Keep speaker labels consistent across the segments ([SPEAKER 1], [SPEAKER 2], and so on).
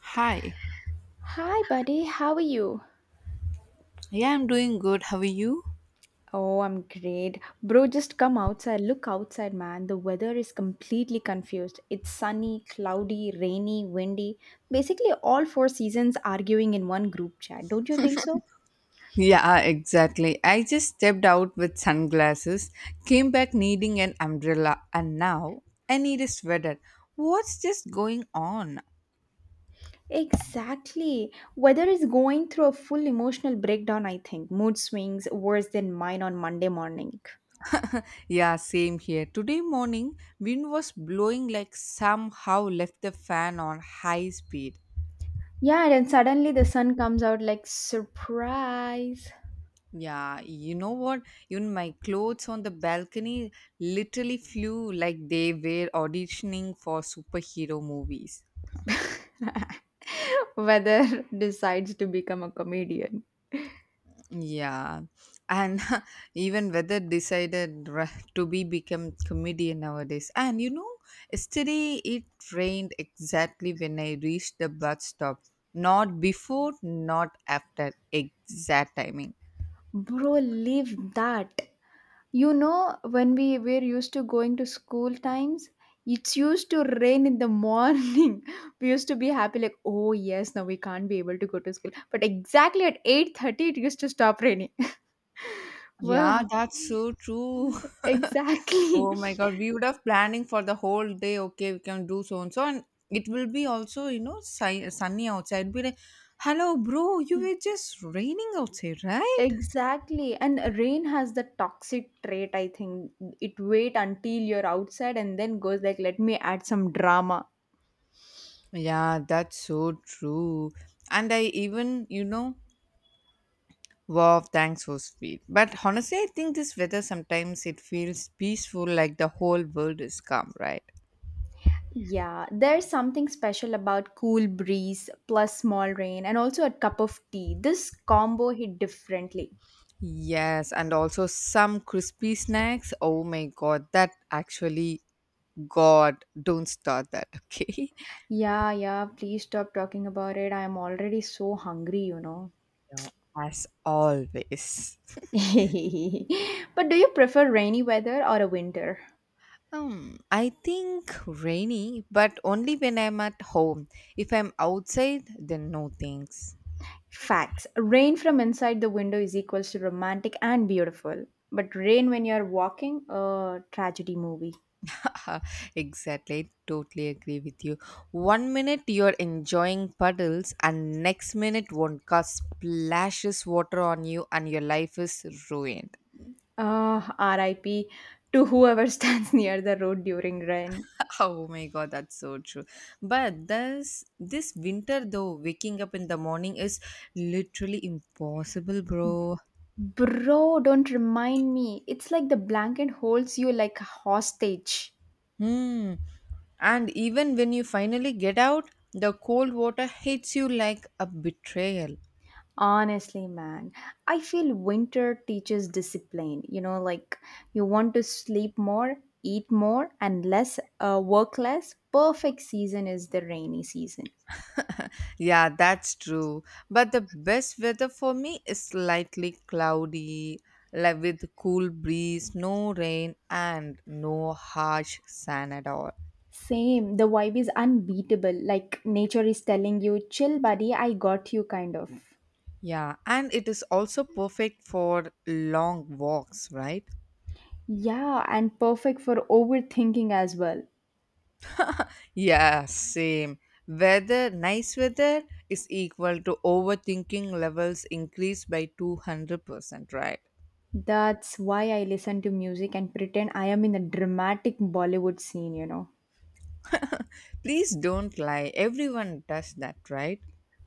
[SPEAKER 1] Hi.
[SPEAKER 2] Hi, buddy. How are you?
[SPEAKER 1] Yeah, I'm doing good. How are you?
[SPEAKER 2] Oh, I'm great. Bro, just come outside. Look outside, man. The weather is completely confused. It's sunny, cloudy, rainy, windy. Basically, all four seasons arguing in one group chat. Don't you think so?
[SPEAKER 1] Yeah, exactly. I just stepped out with sunglasses, came back needing an umbrella, and now I need a sweater. What's just going on?
[SPEAKER 2] Exactly. Weather is going through a full emotional breakdown, I think. Mood swings worse than mine on Monday morning.
[SPEAKER 1] Yeah, same here. Today morning, wind was blowing like somehow left the fan on high speed.
[SPEAKER 2] Yeah, and then suddenly the sun comes out like surprise.
[SPEAKER 1] Yeah, you know what? Even my clothes on the balcony literally flew like they were auditioning for superhero movies.
[SPEAKER 2] Weather decides to become a comedian.
[SPEAKER 1] Yeah, and even whether decided ra- to be become comedian nowadays. And you know, yesterday it rained exactly when I reached the bus stop. Not before, not after. Exact timing.
[SPEAKER 2] Bro, live that. You know, when we were used to going to school times, it used to rain in the morning. We used to be happy, like, oh yes, now we can't be able to go to school. But exactly at 8:30, it used to stop raining.
[SPEAKER 1] Yeah,
[SPEAKER 2] Wow,
[SPEAKER 1] that's so true.
[SPEAKER 2] exactly.
[SPEAKER 1] Oh my god, we would have planning for the whole day. Okay, we can do so and so, and it will be also sunny outside. Be like, hello, bro, you were just raining outside, right?
[SPEAKER 2] Exactly. And rain has the toxic trait, I think. It wait until you're outside and then goes like, let me add some drama.
[SPEAKER 1] Yeah, that's so true. And I even, you know, wow, thanks so sweet. But honestly, I think this weather sometimes it feels peaceful, like the whole world is calm, right?
[SPEAKER 2] Yeah, there's something special about cool breeze plus small rain and also a cup of tea. This combo hit differently.
[SPEAKER 1] Yes, and also some crispy snacks. Oh my god, that actually, God, don't start that, okay?
[SPEAKER 2] Yeah, yeah, please stop talking about it. I'm already so hungry, you know.
[SPEAKER 1] Yeah, as always.
[SPEAKER 2] But do you prefer rainy weather or a winter?
[SPEAKER 1] I think rainy, but only when I'm at home. If I'm outside, then no thanks.
[SPEAKER 2] Facts. Rain from inside the window is equals to romantic and beautiful. But rain when you're walking, a tragedy movie.
[SPEAKER 1] Exactly, totally agree with you. One minute you're enjoying puddles, and next minute Wonka splashes water on you, and your life is ruined.
[SPEAKER 2] Ah, RIP to whoever stands near the road during rain.
[SPEAKER 1] Oh my god, that's so true. But this winter though, waking up in the morning is literally impossible, bro.
[SPEAKER 2] Bro, don't remind me. It's like the blanket holds you like a hostage.
[SPEAKER 1] Hmm. And even when you finally get out, the cold water hits you like a betrayal.
[SPEAKER 2] Honestly, man, I feel winter teaches discipline. You know, like you want to sleep more, eat more, and less, work less. Perfect season is the rainy season.
[SPEAKER 1] Yeah, that's true. But the best weather for me is slightly cloudy, like with cool breeze, no rain, and no harsh sun at all.
[SPEAKER 2] Same. The vibe is unbeatable. Like nature is telling you, chill, buddy, I got you, kind of.
[SPEAKER 1] Yeah, and it is also perfect for long walks, right?
[SPEAKER 2] Yeah, and perfect for overthinking as well.
[SPEAKER 1] Yeah, same. Weather, nice weather is equal to overthinking levels increased by 200%, right?
[SPEAKER 2] That's why I listen to music and pretend I am in a dramatic Bollywood scene, you know.
[SPEAKER 1] Please don't lie. Everyone does that, right?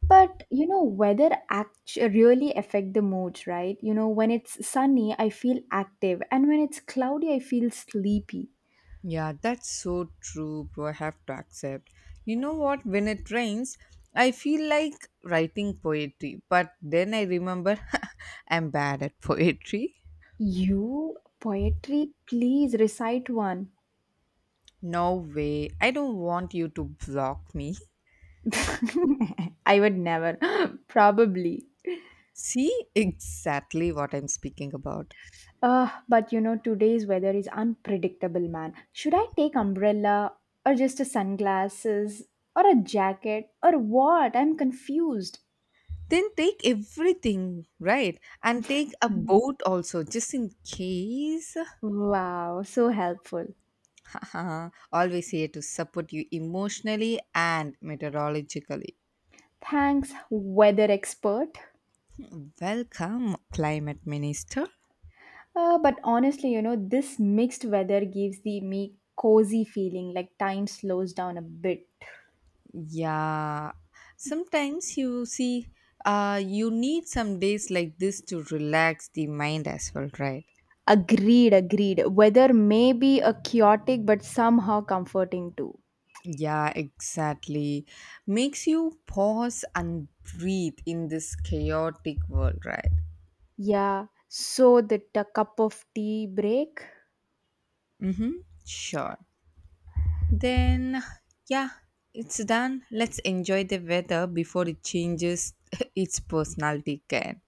[SPEAKER 2] But you know, really affect the mood, right? You know, when it's sunny, I feel active, and when it's cloudy, I feel sleepy.
[SPEAKER 1] Yeah, that's so true, bro. I have to accept. You know what? When it rains, I feel like writing poetry, but then I remember I'm bad at poetry.
[SPEAKER 2] You poetry, please recite one.
[SPEAKER 1] No way. I don't want you to block me.
[SPEAKER 2] I would never, probably.
[SPEAKER 1] See exactly what I'm speaking about.
[SPEAKER 2] But you know, today's weather is unpredictable, man. Should I take umbrella or just a sunglasses or a jacket or what? I'm confused.
[SPEAKER 1] Then take everything, right? And take a boat also, just in case.
[SPEAKER 2] Wow, so helpful.
[SPEAKER 1] Always here to support you emotionally and meteorologically.
[SPEAKER 2] Thanks, weather expert.
[SPEAKER 1] Welcome, climate minister.
[SPEAKER 2] But honestly, you know, this mixed weather gives the me cozy feeling, like time slows down a bit.
[SPEAKER 1] Yeah, sometimes you see, you need some days like this to relax the mind as well, right?
[SPEAKER 2] Agreed, agreed. Weather may be a chaotic but somehow comforting too.
[SPEAKER 1] Yeah, exactly. Makes you pause and breathe in this chaotic world, right?
[SPEAKER 2] Yeah, so the a cup of tea break.
[SPEAKER 1] Mm-hmm. Sure. Then, yeah, it's done. Let's enjoy the weather before it changes its personality again.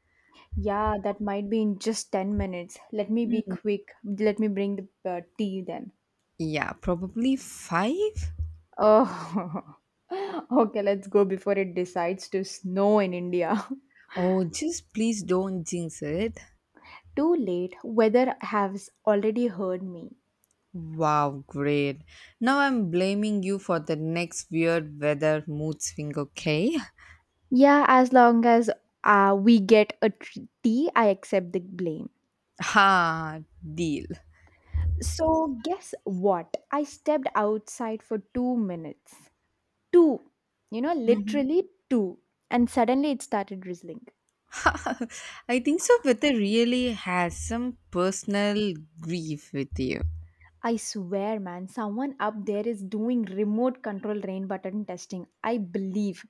[SPEAKER 2] Yeah, that might be in just 10 minutes. Let me be quick. Let me bring the tea then.
[SPEAKER 1] Yeah, probably five.
[SPEAKER 2] Oh, okay, let's go before it decides to snow in India.
[SPEAKER 1] Oh, just please don't jinx it.
[SPEAKER 2] Too late. Weather has already heard me.
[SPEAKER 1] Wow, great. Now I'm blaming you for the next weird weather mood swing, okay?
[SPEAKER 2] Yeah, as long as we get a tea, I accept the blame.
[SPEAKER 1] Ha, deal.
[SPEAKER 2] So, guess what? I stepped outside for 2 minutes. Two, you know, literally two. And suddenly it started drizzling.
[SPEAKER 1] I think so weather really has some personal grief with you.
[SPEAKER 2] I swear, man, someone up there is doing remote control rain button testing. I believe.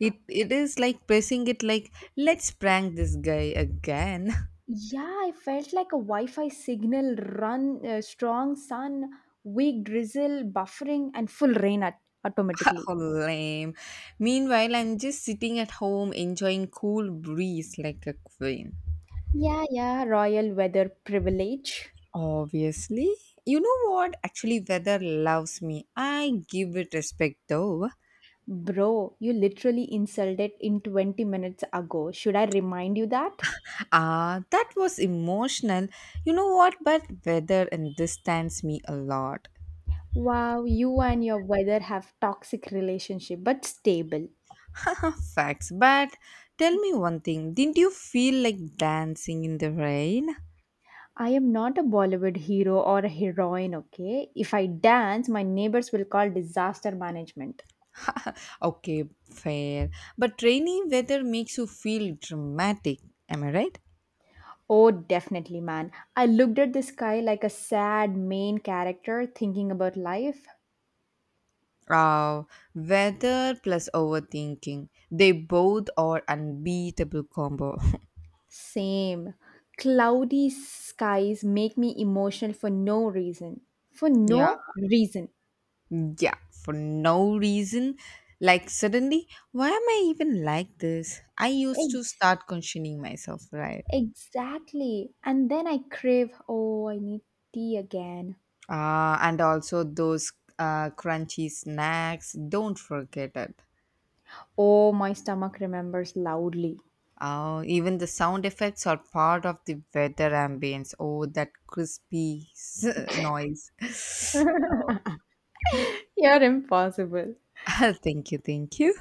[SPEAKER 1] It is like pressing it like let's prank this guy again.
[SPEAKER 2] Yeah, I felt like a Wi Fi signal strong sun, weak drizzle, buffering, and full automatically.
[SPEAKER 1] How lame. Meanwhile, I'm just sitting at home enjoying cool breeze like a queen.
[SPEAKER 2] Yeah, yeah, royal weather privilege.
[SPEAKER 1] Obviously. You know what? Actually, weather loves me. I give it respect though.
[SPEAKER 2] Bro, you literally insulted in 20 minutes ago. Should I remind you that?
[SPEAKER 1] Ah, that was emotional. You know what? But weather and distance me a lot.
[SPEAKER 2] Wow, you and your weather have toxic relationship but stable.
[SPEAKER 1] Ah, facts. But tell me one thing. Didn't you feel like dancing in the rain?
[SPEAKER 2] I am not a Bollywood hero or a heroine, okay? If I dance, my neighbors will call disaster management.
[SPEAKER 1] Okay, fair. But rainy weather makes you feel dramatic. Am I right?
[SPEAKER 2] Oh, definitely, man. I looked at the sky like a sad main character thinking about life.
[SPEAKER 1] Uh, weather plus overthinking. They both are unbeatable combo.
[SPEAKER 2] Same. Cloudy skies make me emotional for no reason. For
[SPEAKER 1] Yeah.
[SPEAKER 2] no reason.
[SPEAKER 1] Yeah, for no reason. Like suddenly, why am I even like this? I used to
[SPEAKER 2] Exactly.
[SPEAKER 1] start questioning myself, right?
[SPEAKER 2] Exactly. And then I crave, oh, I need tea again.
[SPEAKER 1] And also those crunchy snacks, don't forget it.
[SPEAKER 2] Oh, my stomach remembers loudly.
[SPEAKER 1] Even the sound effects are part of the weather ambience. Oh, that crispy noise.
[SPEAKER 2] You're impossible.
[SPEAKER 1] Thank you, thank you.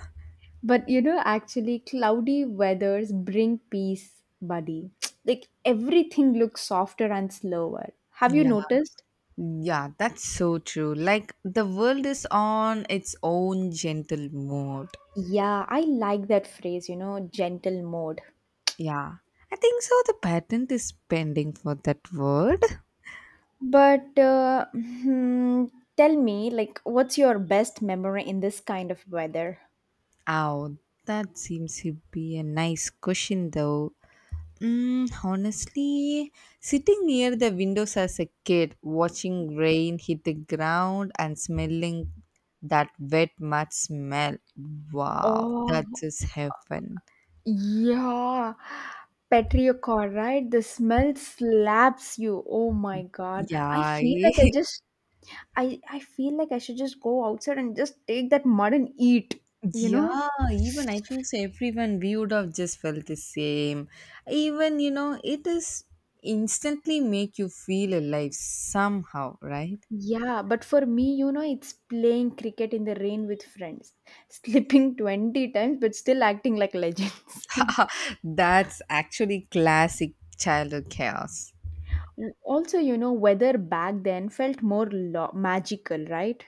[SPEAKER 2] But you know, actually, cloudy weathers bring peace, buddy. Like everything looks softer and slower. Have you
[SPEAKER 1] Yeah.
[SPEAKER 2] noticed?
[SPEAKER 1] Yeah, that's so true. Like the world is on its own gentle mode.
[SPEAKER 2] Yeah, I like that phrase, you know, gentle mode.
[SPEAKER 1] Yeah, I think so. The patent is pending for that word.
[SPEAKER 2] But tell me, like, what's your best memory in this kind of weather?
[SPEAKER 1] Oh, that seems to be a nice question, though. Honestly, sitting near the windows as a kid, watching rain hit the ground and smelling that wet mud smell. Wow,
[SPEAKER 2] Oh,
[SPEAKER 1] that is heaven.
[SPEAKER 2] yeah, petrichor, right? The smell slaps you. Oh my God. I
[SPEAKER 1] Yeah,
[SPEAKER 2] feel like I feel like I should just go outside and just take that mud and eat, you know?
[SPEAKER 1] yeah, even I think so. Everyone, we would have just felt the same. Even, you know, it is instantly make you feel alive somehow, right?
[SPEAKER 2] Yeah, but for me, you know, it's playing cricket in the rain with friends, slipping 20 times, but still acting like legends.
[SPEAKER 1] That's actually classic childhood chaos.
[SPEAKER 2] Also, you know, weather back then felt more magical, right?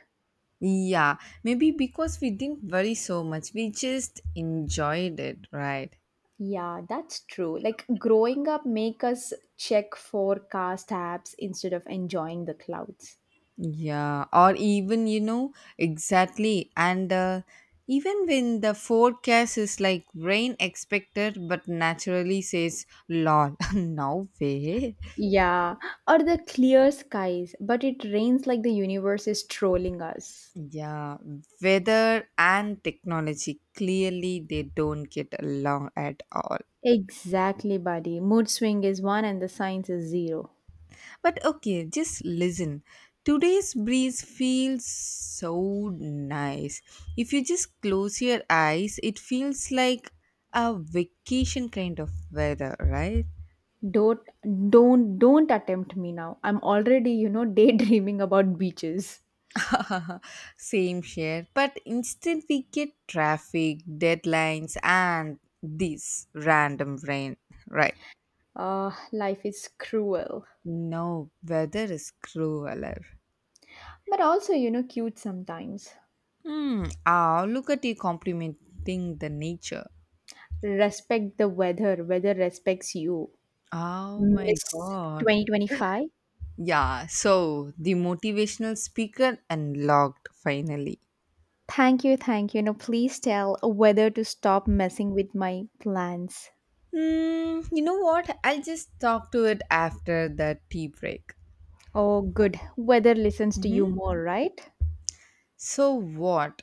[SPEAKER 1] Yeah, maybe because we didn't worry so much, we just enjoyed it, right?
[SPEAKER 2] Yeah, that's true. Like growing up make us check forecast apps instead of enjoying the clouds.
[SPEAKER 1] Yeah, or even, you know, exactly. And even when the forecast is like rain expected, but naturally says lol, no way.
[SPEAKER 2] Yeah, or the clear skies, but it rains like the universe is trolling us.
[SPEAKER 1] Yeah, weather and technology clearly they don't get along at all.
[SPEAKER 2] Exactly, buddy. Mood swing is 1 and the science is 0.
[SPEAKER 1] But okay, just listen. Today's breeze feels so nice. If you just close your eyes, it feels like a vacation kind of weather, right?
[SPEAKER 2] Don't don't attempt me now. I'm already, you know, daydreaming about beaches.
[SPEAKER 1] Same here. But instead, we get traffic, deadlines, and this random rain, right?
[SPEAKER 2] Life is cruel,
[SPEAKER 1] No, weather is crueler.
[SPEAKER 2] but also, you know, cute sometimes.
[SPEAKER 1] Hmm. Ah, look at you complimenting the nature.
[SPEAKER 2] Respect the weather, weather respects you.
[SPEAKER 1] Oh my
[SPEAKER 2] Miss
[SPEAKER 1] god.
[SPEAKER 2] 2025.
[SPEAKER 1] Yeah, so the motivational speaker unlocked finally.
[SPEAKER 2] Thank you, thank you. Now, please tell whether to stop messing with my plans.
[SPEAKER 1] You know what? I'll just talk to it after the tea break.
[SPEAKER 2] Oh, good. Weather listens to you
[SPEAKER 1] Mhm.
[SPEAKER 2] more, right?
[SPEAKER 1] So, what?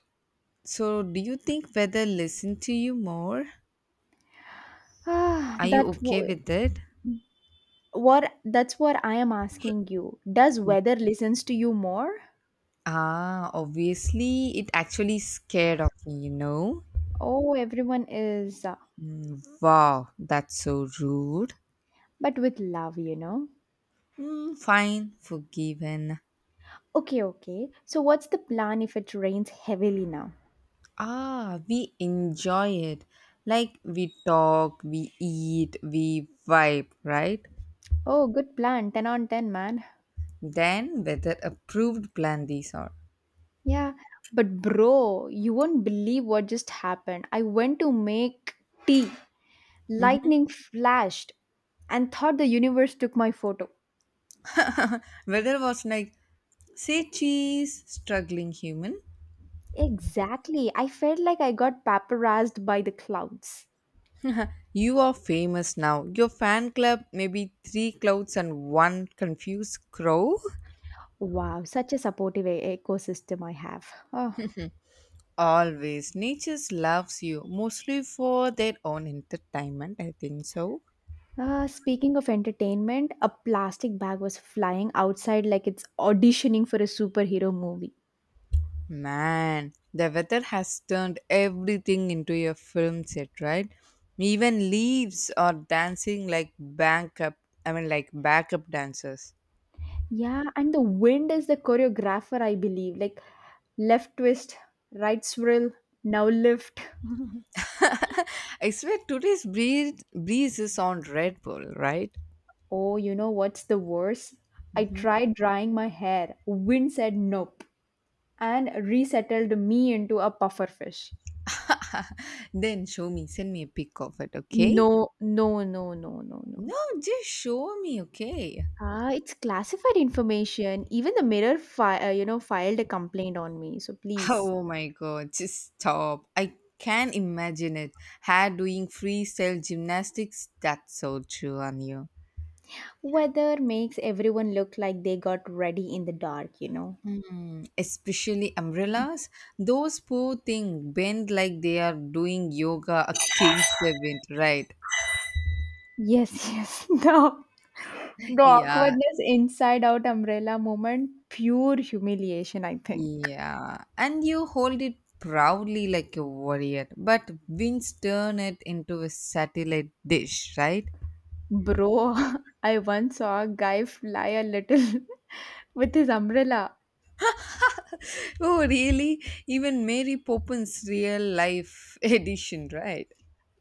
[SPEAKER 1] So, do you think whether listen to you more?
[SPEAKER 2] Ah,
[SPEAKER 1] Are you
[SPEAKER 2] that
[SPEAKER 1] okay
[SPEAKER 2] w-
[SPEAKER 1] with it?
[SPEAKER 2] what that's what I am asking you. Does weather listens to you more?
[SPEAKER 1] Ah, obviously, it actually scared of me, you know?
[SPEAKER 2] Oh, everyone is,
[SPEAKER 1] Mm, wow, that's so rude.
[SPEAKER 2] but with love, you know.
[SPEAKER 1] Mm, fine, forgiven.
[SPEAKER 2] Okay, okay. So, what's the plan if it rains heavily now?
[SPEAKER 1] Ah, we enjoy it. Like we talk, we eat, we vibe, right?
[SPEAKER 2] Oh, good plan. 10 on 10, man.
[SPEAKER 1] Then weather approved plan these are.
[SPEAKER 2] Yeah, but bro, you won't believe what just happened. I went to make tea. Lightning flashed and thought the universe took my photo.
[SPEAKER 1] Weather was like, say cheese, struggling human.
[SPEAKER 2] Exactly. I felt like I got paparazed by the clouds.
[SPEAKER 1] You are famous now. Your fan club maybe three clouds and one confused crow.
[SPEAKER 2] Wow, such a supportive ecosystem I have. Oh.
[SPEAKER 1] Always, nature loves you mostly for their own entertainment. I think so.
[SPEAKER 2] Speaking of entertainment, a plastic bag was flying outside like it's auditioning for a superhero movie.
[SPEAKER 1] Man, the weather has turned everything into a film set, right? Even leaves are dancing like backup, I mean, like backup dancers.
[SPEAKER 2] Yeah, and the wind is the choreographer, I believe. Like left twist, right swirl, now lift.
[SPEAKER 1] I swear today's breeze is on Red Bull, right?
[SPEAKER 2] Oh, you know what's the worst? I
[SPEAKER 1] Hmm.
[SPEAKER 2] tried drying my hair. Wind said nope and resettled me into a puffer fish.
[SPEAKER 1] Then show me, send me a pic of it, okay?
[SPEAKER 2] No, no, no, no, no, no.
[SPEAKER 1] No, just show me, okay?
[SPEAKER 2] Ah, it's classified information. Even the mirror, you know, filed a complaint on me. So please,
[SPEAKER 1] Oh my god, just stop. I can imagine it. Hair doing freestyle gymnastics, that's so true on you.
[SPEAKER 2] weather makes everyone look like they got ready in the dark. You know.
[SPEAKER 1] Mm, especially umbrellas. Those poor thing bend like they are doing yoga a king event, right?
[SPEAKER 2] Yes, yes. No. The
[SPEAKER 1] Yeah,
[SPEAKER 2] awkwardness inside out umbrella moment, pure humiliation, I think.
[SPEAKER 1] yeah. And you hold it proudly like a warrior, but winds turn it into a satellite dish, right?
[SPEAKER 2] Bro, I once saw a guy fly a little with his umbrella.
[SPEAKER 1] Oh, really? Even Mary Poppins' real life edition, right?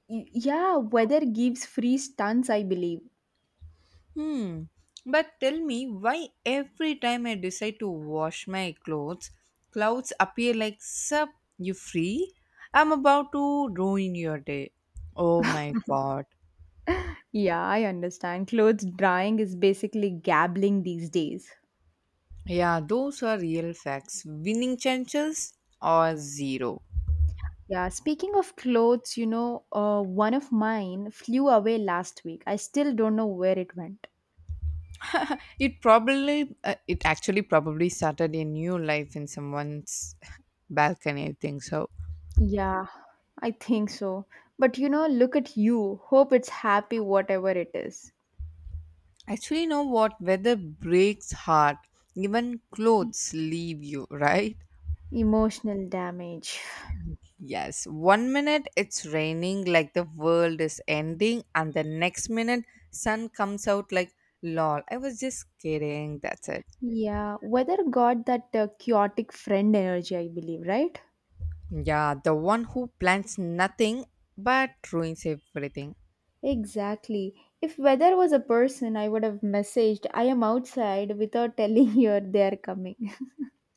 [SPEAKER 2] Yeah, weather gives free stunts, I believe.
[SPEAKER 1] Hmm. But tell me why every time I decide to wash my clothes, clouds appear like, sup, you free? I'm about to ruin your day. Oh my god.
[SPEAKER 2] Yeah, I understand. Clothes drying is basically gambling these days.
[SPEAKER 1] Yeah, those are real facts. Winning chances are zero.
[SPEAKER 2] Yeah, speaking of clothes, you know, one of mine flew away last week. I still don't know where it went.
[SPEAKER 1] It probably, it actually probably started a new life in someone's balcony, I think so.
[SPEAKER 2] Yeah, I think so. But you know, look at you. Hope it's happy, whatever it is.
[SPEAKER 1] Actually, know what? Weather breaks heart. Even clothes leave you, right?
[SPEAKER 2] Emotional damage.
[SPEAKER 1] Yes. One minute it's raining like the world is ending, and the next minute sun comes out like lol. I was just kidding. That's it.
[SPEAKER 2] Yeah, weather got that chaotic friend energy, I believe, right?
[SPEAKER 1] Yeah, the one who plans nothing but ruins everything.
[SPEAKER 2] Exactly. If weather was a person, I would have messaged, I am outside without telling you they are coming.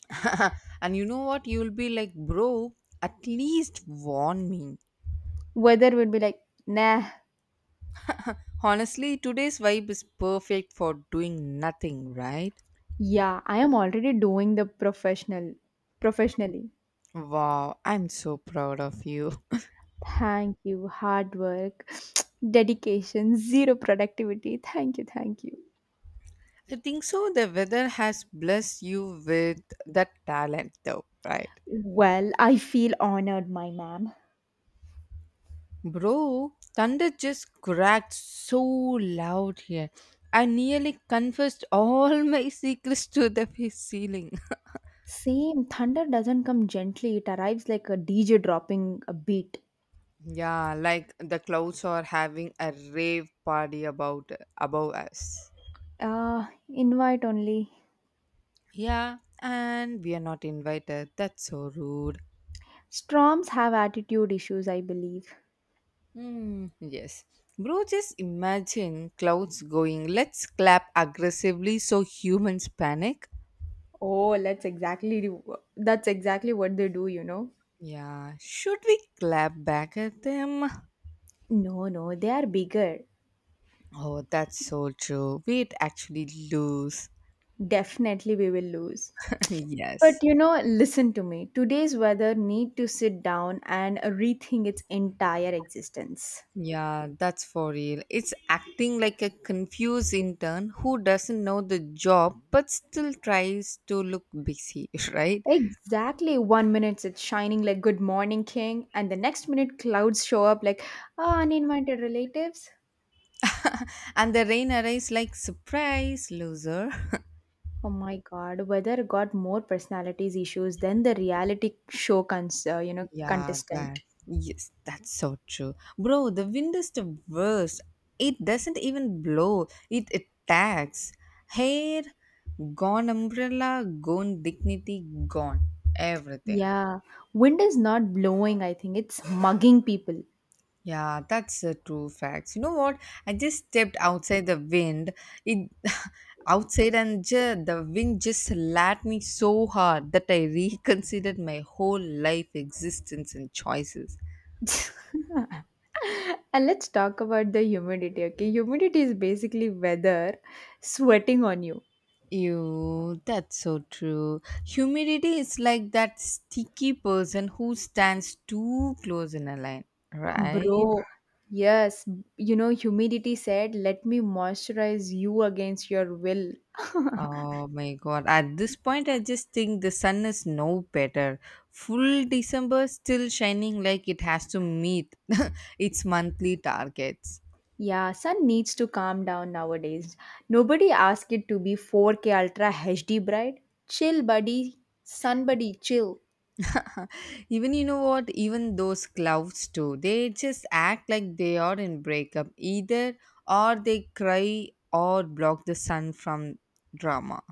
[SPEAKER 1] And you know what? You'll be like, bro, at least warn me.
[SPEAKER 2] Weather would be like, nah,
[SPEAKER 1] Honestly, today's vibe is perfect for doing nothing, right?
[SPEAKER 2] yeah, I am already doing the professionally.
[SPEAKER 1] Wow, I'm so proud of you.
[SPEAKER 2] Thank you. Hard work, dedication, zero productivity. Thank you. Thank you.
[SPEAKER 1] I think so. The weather has blessed you with that talent, though, right?
[SPEAKER 2] Well, I feel honored, my ma'am.
[SPEAKER 1] Bro, thunder just cracked so loud here. I nearly confessed all my secrets to the face ceiling.
[SPEAKER 2] Same. Thunder doesn't come gently, it arrives like a DJ dropping a beat.
[SPEAKER 1] Yeah, like the clouds are having a rave party about above us.
[SPEAKER 2] Invite only.
[SPEAKER 1] Yeah, and we are not invited. That's so rude.
[SPEAKER 2] Storms have attitude issues, I believe.
[SPEAKER 1] Hmm. Yes. Bro, just imagine clouds going, let's clap aggressively so humans panic.
[SPEAKER 2] Oh, that's exactly what they do, you know.
[SPEAKER 1] Yeah, should we clap back at them?
[SPEAKER 2] No, no, they are bigger.
[SPEAKER 1] Oh, that's so true. We'd actually lose.
[SPEAKER 2] Definitely we will lose. But
[SPEAKER 1] Yes.
[SPEAKER 2] you know, listen to me. Today's weather need to sit down and rethink its entire existence.
[SPEAKER 1] Yeah, that's for real. It's acting like a confused intern who doesn't know the job but still tries to look busy, right?
[SPEAKER 2] Exactly. 1 minute it's shining like good morning king and the next minute clouds show up like "Ah, uninvited relatives.
[SPEAKER 1] And the rain arrives like, surprise, loser.
[SPEAKER 2] Oh my god, weather got more personalities issues than the reality show you know
[SPEAKER 1] Yeah,
[SPEAKER 2] contestant.
[SPEAKER 1] that yes, that's so true. Bro, the wind is the worst. It doesn't even blow, it attacks. Hair gone, umbrella gone, dignity gone, everything.
[SPEAKER 2] Yeah. Wind is not blowing, I think. It's mugging people.
[SPEAKER 1] Yeah, that's a true fact. You know what? I just stepped outside the wind. It outside and the wind just slapped me so hard that I reconsidered my whole life existence and choices.
[SPEAKER 2] And let's talk about the humidity, okay? Humidity is basically weather sweating on you.
[SPEAKER 1] You, that's so true. Humidity is like that sticky person who stands too close in a line, right?
[SPEAKER 2] Bro, yes, you know, humidity said, let me moisturize you against your will.
[SPEAKER 1] Oh my god. At this point, I just think the sun is no better. Full December still shining like it has to meet its monthly targets.
[SPEAKER 2] Yeah, sun needs to calm down nowadays. Nobody asked it to be 4K Ultra HD bright. Chill, buddy. Sun, buddy, chill.
[SPEAKER 1] Even you know what, even those clouds too, they just act like they are in breakup, either or they cry or block the sun from drama.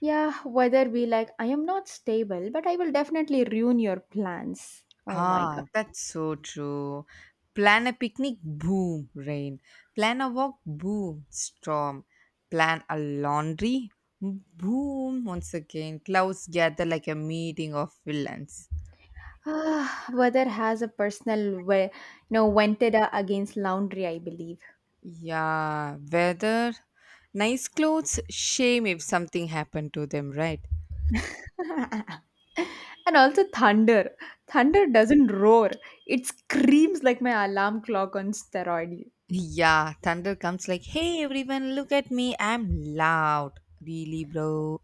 [SPEAKER 2] Yeah, weather be like, I am not stable, but I will definitely ruin your plans. Oh my
[SPEAKER 1] Ah,
[SPEAKER 2] god.
[SPEAKER 1] that's so true. Plan a picnic, boom, rain. Plan a walk, boom, storm. Plan a laundry, boom, once again clouds gather like a meeting of villains.
[SPEAKER 2] Ah, weather has a personal way, you know, vendetta against laundry, I believe.
[SPEAKER 1] Yeah, weather, nice clothes, shame if something happened to them, right?
[SPEAKER 2] And also thunder. Thunder doesn't roar. It screams like my alarm clock on steroid.
[SPEAKER 1] Yeah, thunder comes like, hey everyone, look at me, I'm loud. Really, bro?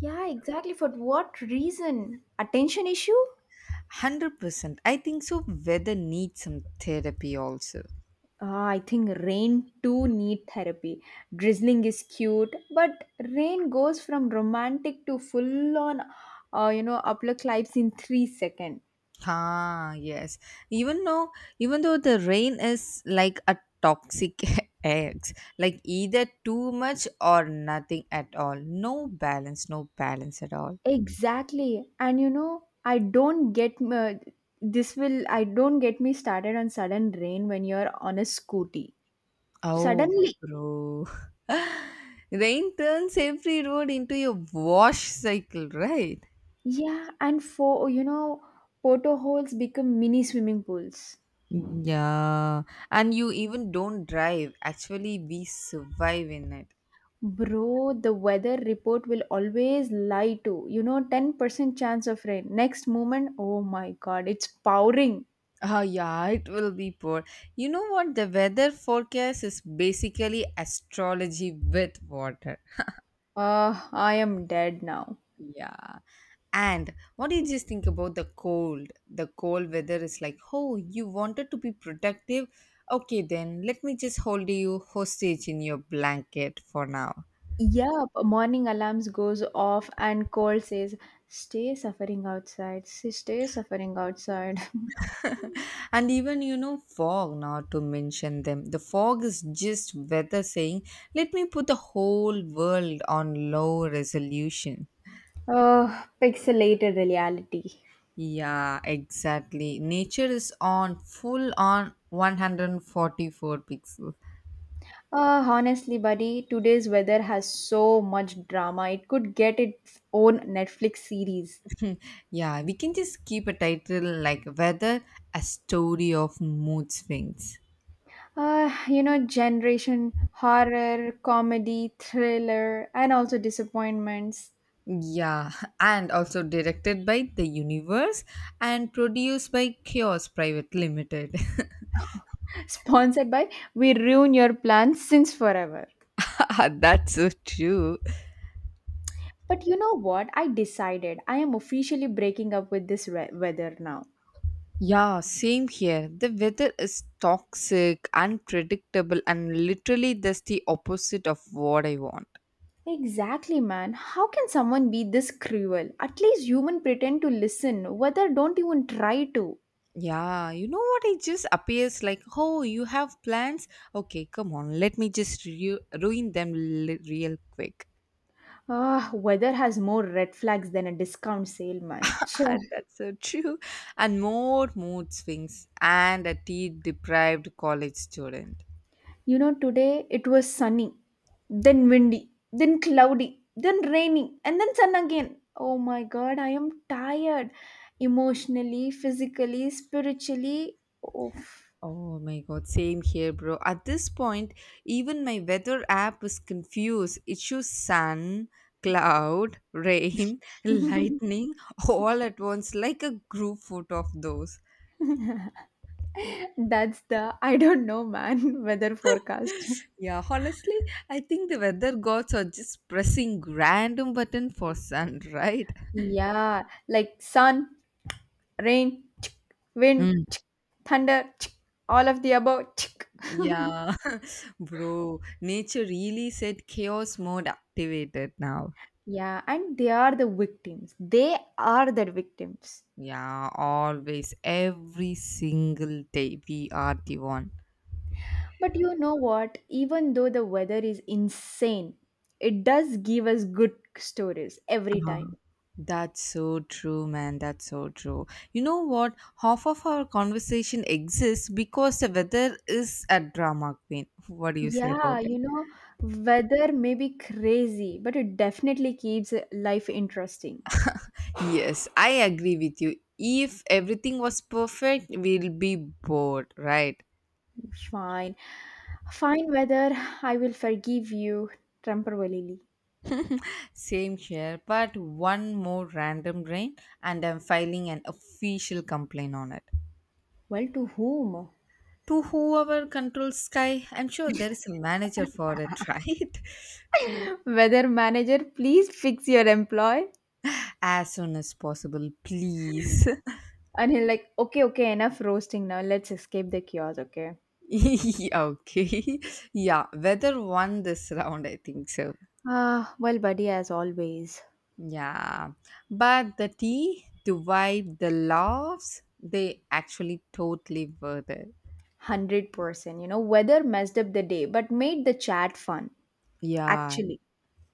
[SPEAKER 2] Yeah, exactly. For what reason? Attention issue?
[SPEAKER 1] 100%. I think so. Weather needs some therapy also.
[SPEAKER 2] Ah, I think rain too need therapy. Drizzling is cute, but rain goes from romantic to full on, you know, upper climbs in 3 seconds.
[SPEAKER 1] Ah, yes. Even though, even though the rain is like a toxic eggs, like either too much or nothing at all. No balance at all.
[SPEAKER 2] Exactly. And you know, I don't get me started on sudden rain when you're on a scooty.
[SPEAKER 1] Oh,
[SPEAKER 2] Suddenly,
[SPEAKER 1] bro. Rain turns every road into your wash cycle, right?
[SPEAKER 2] yeah, and for you know, portholes become mini swimming pools.
[SPEAKER 1] Yeah. And you even don't drive. Actually, we survive in it.
[SPEAKER 2] Bro, the weather report will always lie to. You know, 10% chance of rain. Next moment, oh my god, it's pouring.
[SPEAKER 1] Ah, yeah, it will be poor. You know what? The weather forecast is basically astrology with water.
[SPEAKER 2] I am dead now.
[SPEAKER 1] Yeah. And what do you just think about the cold? The cold weather is like, oh, you wanted to be protective? Okay, then let me just hold you hostage in your blanket for now.
[SPEAKER 2] Yep, morning alarms goes off and Cole says, "Stay suffering outside. Say, Stay suffering outside."
[SPEAKER 1] And even, you know, fog, not to mention them. The fog is just weather saying, let me put the whole world on low resolution.
[SPEAKER 2] Oh, pixelated reality.
[SPEAKER 1] Yeah, exactly. Nature is on full on 144 pixels.
[SPEAKER 2] Honestly, buddy, today's weather has so much drama. It could get its own Netflix series.
[SPEAKER 1] Yeah, we can just keep a title like Weather, a story of mood swings.
[SPEAKER 2] You know, generation horror, comedy, thriller, and also disappointments.
[SPEAKER 1] Yeah, and also directed by The Universe and produced by Chaos Private Limited.
[SPEAKER 2] Sponsored by We Ruin Your Plans Since Forever.
[SPEAKER 1] That's so true.
[SPEAKER 2] But you know what? I decided I am officially breaking up with this weather now.
[SPEAKER 1] Yeah, same here. The weather is toxic, unpredictable, and literally that's the opposite of what I want.
[SPEAKER 2] Exactly, man. How can someone be this cruel? At least human pretend to listen. Weather don't even try to.
[SPEAKER 1] Yeah, you know what? It just appears like, oh, you have plans? Okay, come on, let me just ruin them real quick.
[SPEAKER 2] Ah, weather has more red flags than a discount sale, man. Cheh.
[SPEAKER 1] And that's so true. And more mood swings and a tea deprived college student.
[SPEAKER 2] You know, today it was sunny, then windy, then cloudy, then rainy, and then sun again. Oh my god, I am tired. Emotionally, physically, spiritually. Oof.
[SPEAKER 1] Oh my god, same here, bro. At this point, even my weather app is confused. It shows sun, cloud, rain, lightning all at once, like a group photo of those.
[SPEAKER 2] That's the I don't know, man, weather forecast.
[SPEAKER 1] Yeah, honestly, I think the weather gods are just pressing random button for sun, right?
[SPEAKER 2] Yeah, like sun, rain, wind,
[SPEAKER 1] Mm.
[SPEAKER 2] thunder, all of the above.
[SPEAKER 1] Yeah, bro, nature really said chaos mode activated now.
[SPEAKER 2] Yeah, and they are the victims. They are the victims.
[SPEAKER 1] Yeah, always, every single day we are the one.
[SPEAKER 2] But you know what? Even though the weather is insane, it does give us good stories every
[SPEAKER 1] uh
[SPEAKER 2] time.
[SPEAKER 1] That's so true, man. That's so true. You know what? Half of our conversation exists because the weather is a drama queen. What do you say
[SPEAKER 2] Yeah,
[SPEAKER 1] about
[SPEAKER 2] you
[SPEAKER 1] it?
[SPEAKER 2] know, weather may be crazy, but it definitely keeps life interesting.
[SPEAKER 1] Yes, I agree with you. If everything was perfect, we'll be bored, right?
[SPEAKER 2] Fine. Fine weather, I will forgive you temporarily.
[SPEAKER 1] Same here, but one more random rain, and I'm filing an official complaint on it.
[SPEAKER 2] Well, to whom?
[SPEAKER 1] To whoever controls Sky, I'm sure there is a manager for it, right?
[SPEAKER 2] Weather manager, please fix your employee.
[SPEAKER 1] As soon as possible, please.
[SPEAKER 2] And he'll like, okay, okay, enough roasting now. Let's escape the kiosk, okay?
[SPEAKER 1] Yeah, okay. Yeah, weather won this round, I think so.
[SPEAKER 2] Ah, well, buddy, as always,
[SPEAKER 1] Yeah, but the tea, the vibe, the laughs, they actually totally worth it.
[SPEAKER 2] 100%. You know, weather messed up the day, but made the chat fun.
[SPEAKER 1] Yeah,
[SPEAKER 2] Actually,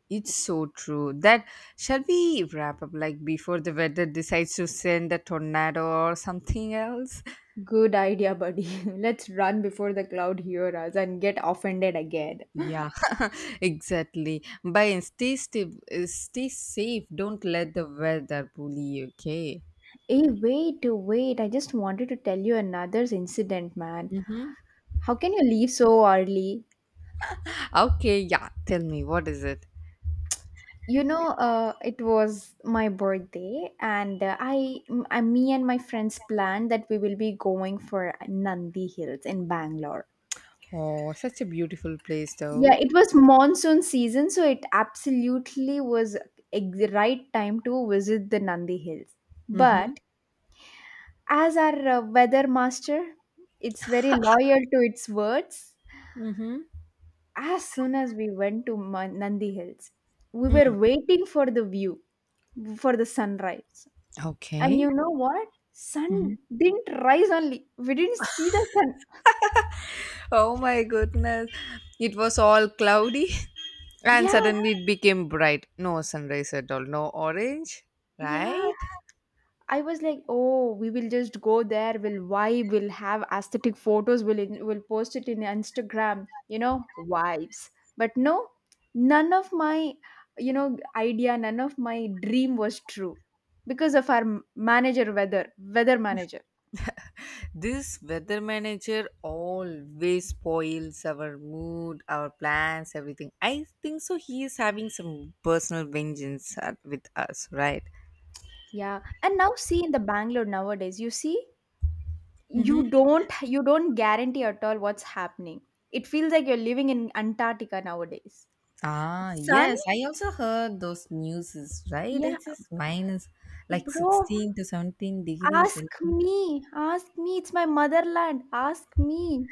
[SPEAKER 1] it's so true. That Shall we wrap up like before the weather decides to send a tornado or something else?
[SPEAKER 2] good idea, buddy. Let's run before the cloud hear us and get offended again.
[SPEAKER 1] Yeah, exactly. Bye and stay safe. Don't let the weather bully you, okay?
[SPEAKER 2] Hey, wait. I just wanted to tell you another incident, man.
[SPEAKER 1] Mm-hmm.
[SPEAKER 2] How can you leave so early?
[SPEAKER 1] Okay, yeah, tell me, what is it?
[SPEAKER 2] You know, it was my birthday, and me and my friends planned that we will be going for Nandi Hills in Bangalore.
[SPEAKER 1] Oh, such a beautiful place,
[SPEAKER 2] Yeah,
[SPEAKER 1] though.
[SPEAKER 2] it was monsoon season, so it absolutely was right time to visit the Nandi Hills.
[SPEAKER 1] Mm-hmm.
[SPEAKER 2] But as our weather master, it's very loyal to its words.
[SPEAKER 1] Mm-hmm.
[SPEAKER 2] As soon as we went to Nandi Hills, we were waiting for the view, for the sunrise. And
[SPEAKER 1] Okay.
[SPEAKER 2] you know what? Sun
[SPEAKER 1] Mhm.
[SPEAKER 2] didn't rise only. We didn't see the sun.
[SPEAKER 1] Oh my goodness. It was all cloudy and
[SPEAKER 2] Yeah,
[SPEAKER 1] suddenly it became bright. No sunrise at all. No orange.
[SPEAKER 2] yeah.
[SPEAKER 1] Right?
[SPEAKER 2] I was like, oh, we will just go there. We'll vibe. We'll have aesthetic photos. We'll post it in Instagram. You know, vibes. But no, none of my idea, none of my dream was true because of our m- manager weather weather manager.
[SPEAKER 1] This weather manager always spoils our mood, our plans, everything. I think so. He is having some personal vengeance with us, right?
[SPEAKER 2] Yeah, and now see in the Bangalore nowadays, you see,
[SPEAKER 1] Mhm.
[SPEAKER 2] you don't guarantee at all what's happening. It feels like you're living in Antarctica nowadays.
[SPEAKER 1] Ah,
[SPEAKER 2] Son,
[SPEAKER 1] yes. I also heard those news, right?
[SPEAKER 2] yeah,
[SPEAKER 1] It's just minus like
[SPEAKER 2] bro,
[SPEAKER 1] 16 to 17 degrees
[SPEAKER 2] ask
[SPEAKER 1] Celsius.
[SPEAKER 2] me, ask me. It's my motherland. Ask me.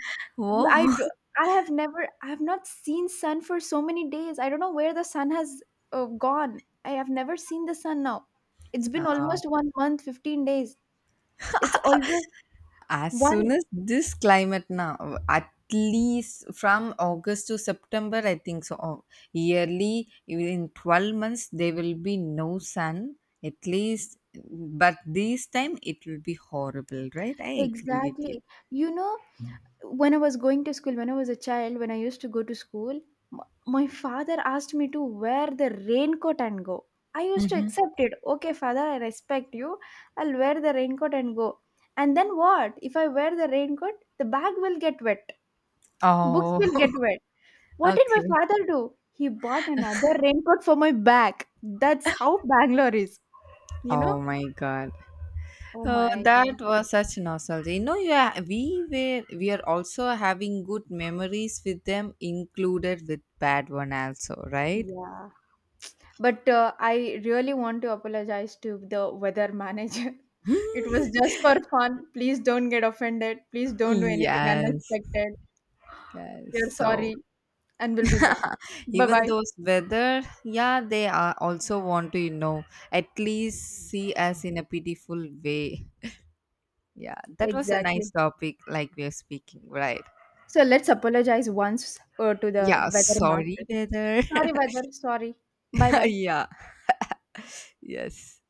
[SPEAKER 2] I
[SPEAKER 1] Oh.
[SPEAKER 2] do, I have not seen sun for so many days. I don't know where the sun has gone. I have never seen the sun now. It's been almost 1 month, 15 days. It's always
[SPEAKER 1] As soon
[SPEAKER 2] one
[SPEAKER 1] as this climate now, at least from August to September, I think so. Oh, yearly, in 12 months, there will be no sun, at least. But this time, it will be horrible, right? I agree with you.
[SPEAKER 2] exactly you know when I was going to school, when I was a child, when I used to go to school, m- my father asked me to wear the raincoat and go. I used to
[SPEAKER 1] Hmm.
[SPEAKER 2] accept it. Okay, father, I respect you. I'll wear the raincoat and go. And then what? If I wear the raincoat, the bag will get wet, books
[SPEAKER 1] Oh,
[SPEAKER 2] will get wet. What did my
[SPEAKER 1] okay.
[SPEAKER 2] father do? He bought another raincoat for my back. That's how Bangalore is, you know?
[SPEAKER 1] Oh my God.
[SPEAKER 2] Oh
[SPEAKER 1] Oh,
[SPEAKER 2] my
[SPEAKER 1] that
[SPEAKER 2] God.
[SPEAKER 1] was such nostalgia. You know, yeah, we are also having good memories with them, included with bad one also, right?
[SPEAKER 2] Yeah. But I really want to apologize to the weather manager. It was just for fun. Please don't get offended. Please don't do anything
[SPEAKER 1] Yes,
[SPEAKER 2] unexpected. We
[SPEAKER 1] yes.
[SPEAKER 2] are
[SPEAKER 1] So
[SPEAKER 2] sorry and we'll be back. Bye
[SPEAKER 1] even
[SPEAKER 2] bye.
[SPEAKER 1] those weather, yeah, they are also want to, you know, at least see us in a pitiful way. Yeah, that was a nice
[SPEAKER 2] Exactly.
[SPEAKER 1] topic, like we are speaking, right?
[SPEAKER 2] So let's apologize once to the
[SPEAKER 1] Yeah,
[SPEAKER 2] weather master.
[SPEAKER 1] sorry, weather.
[SPEAKER 2] Sorry, weather. Sorry. Bye bye.
[SPEAKER 1] yeah, yes.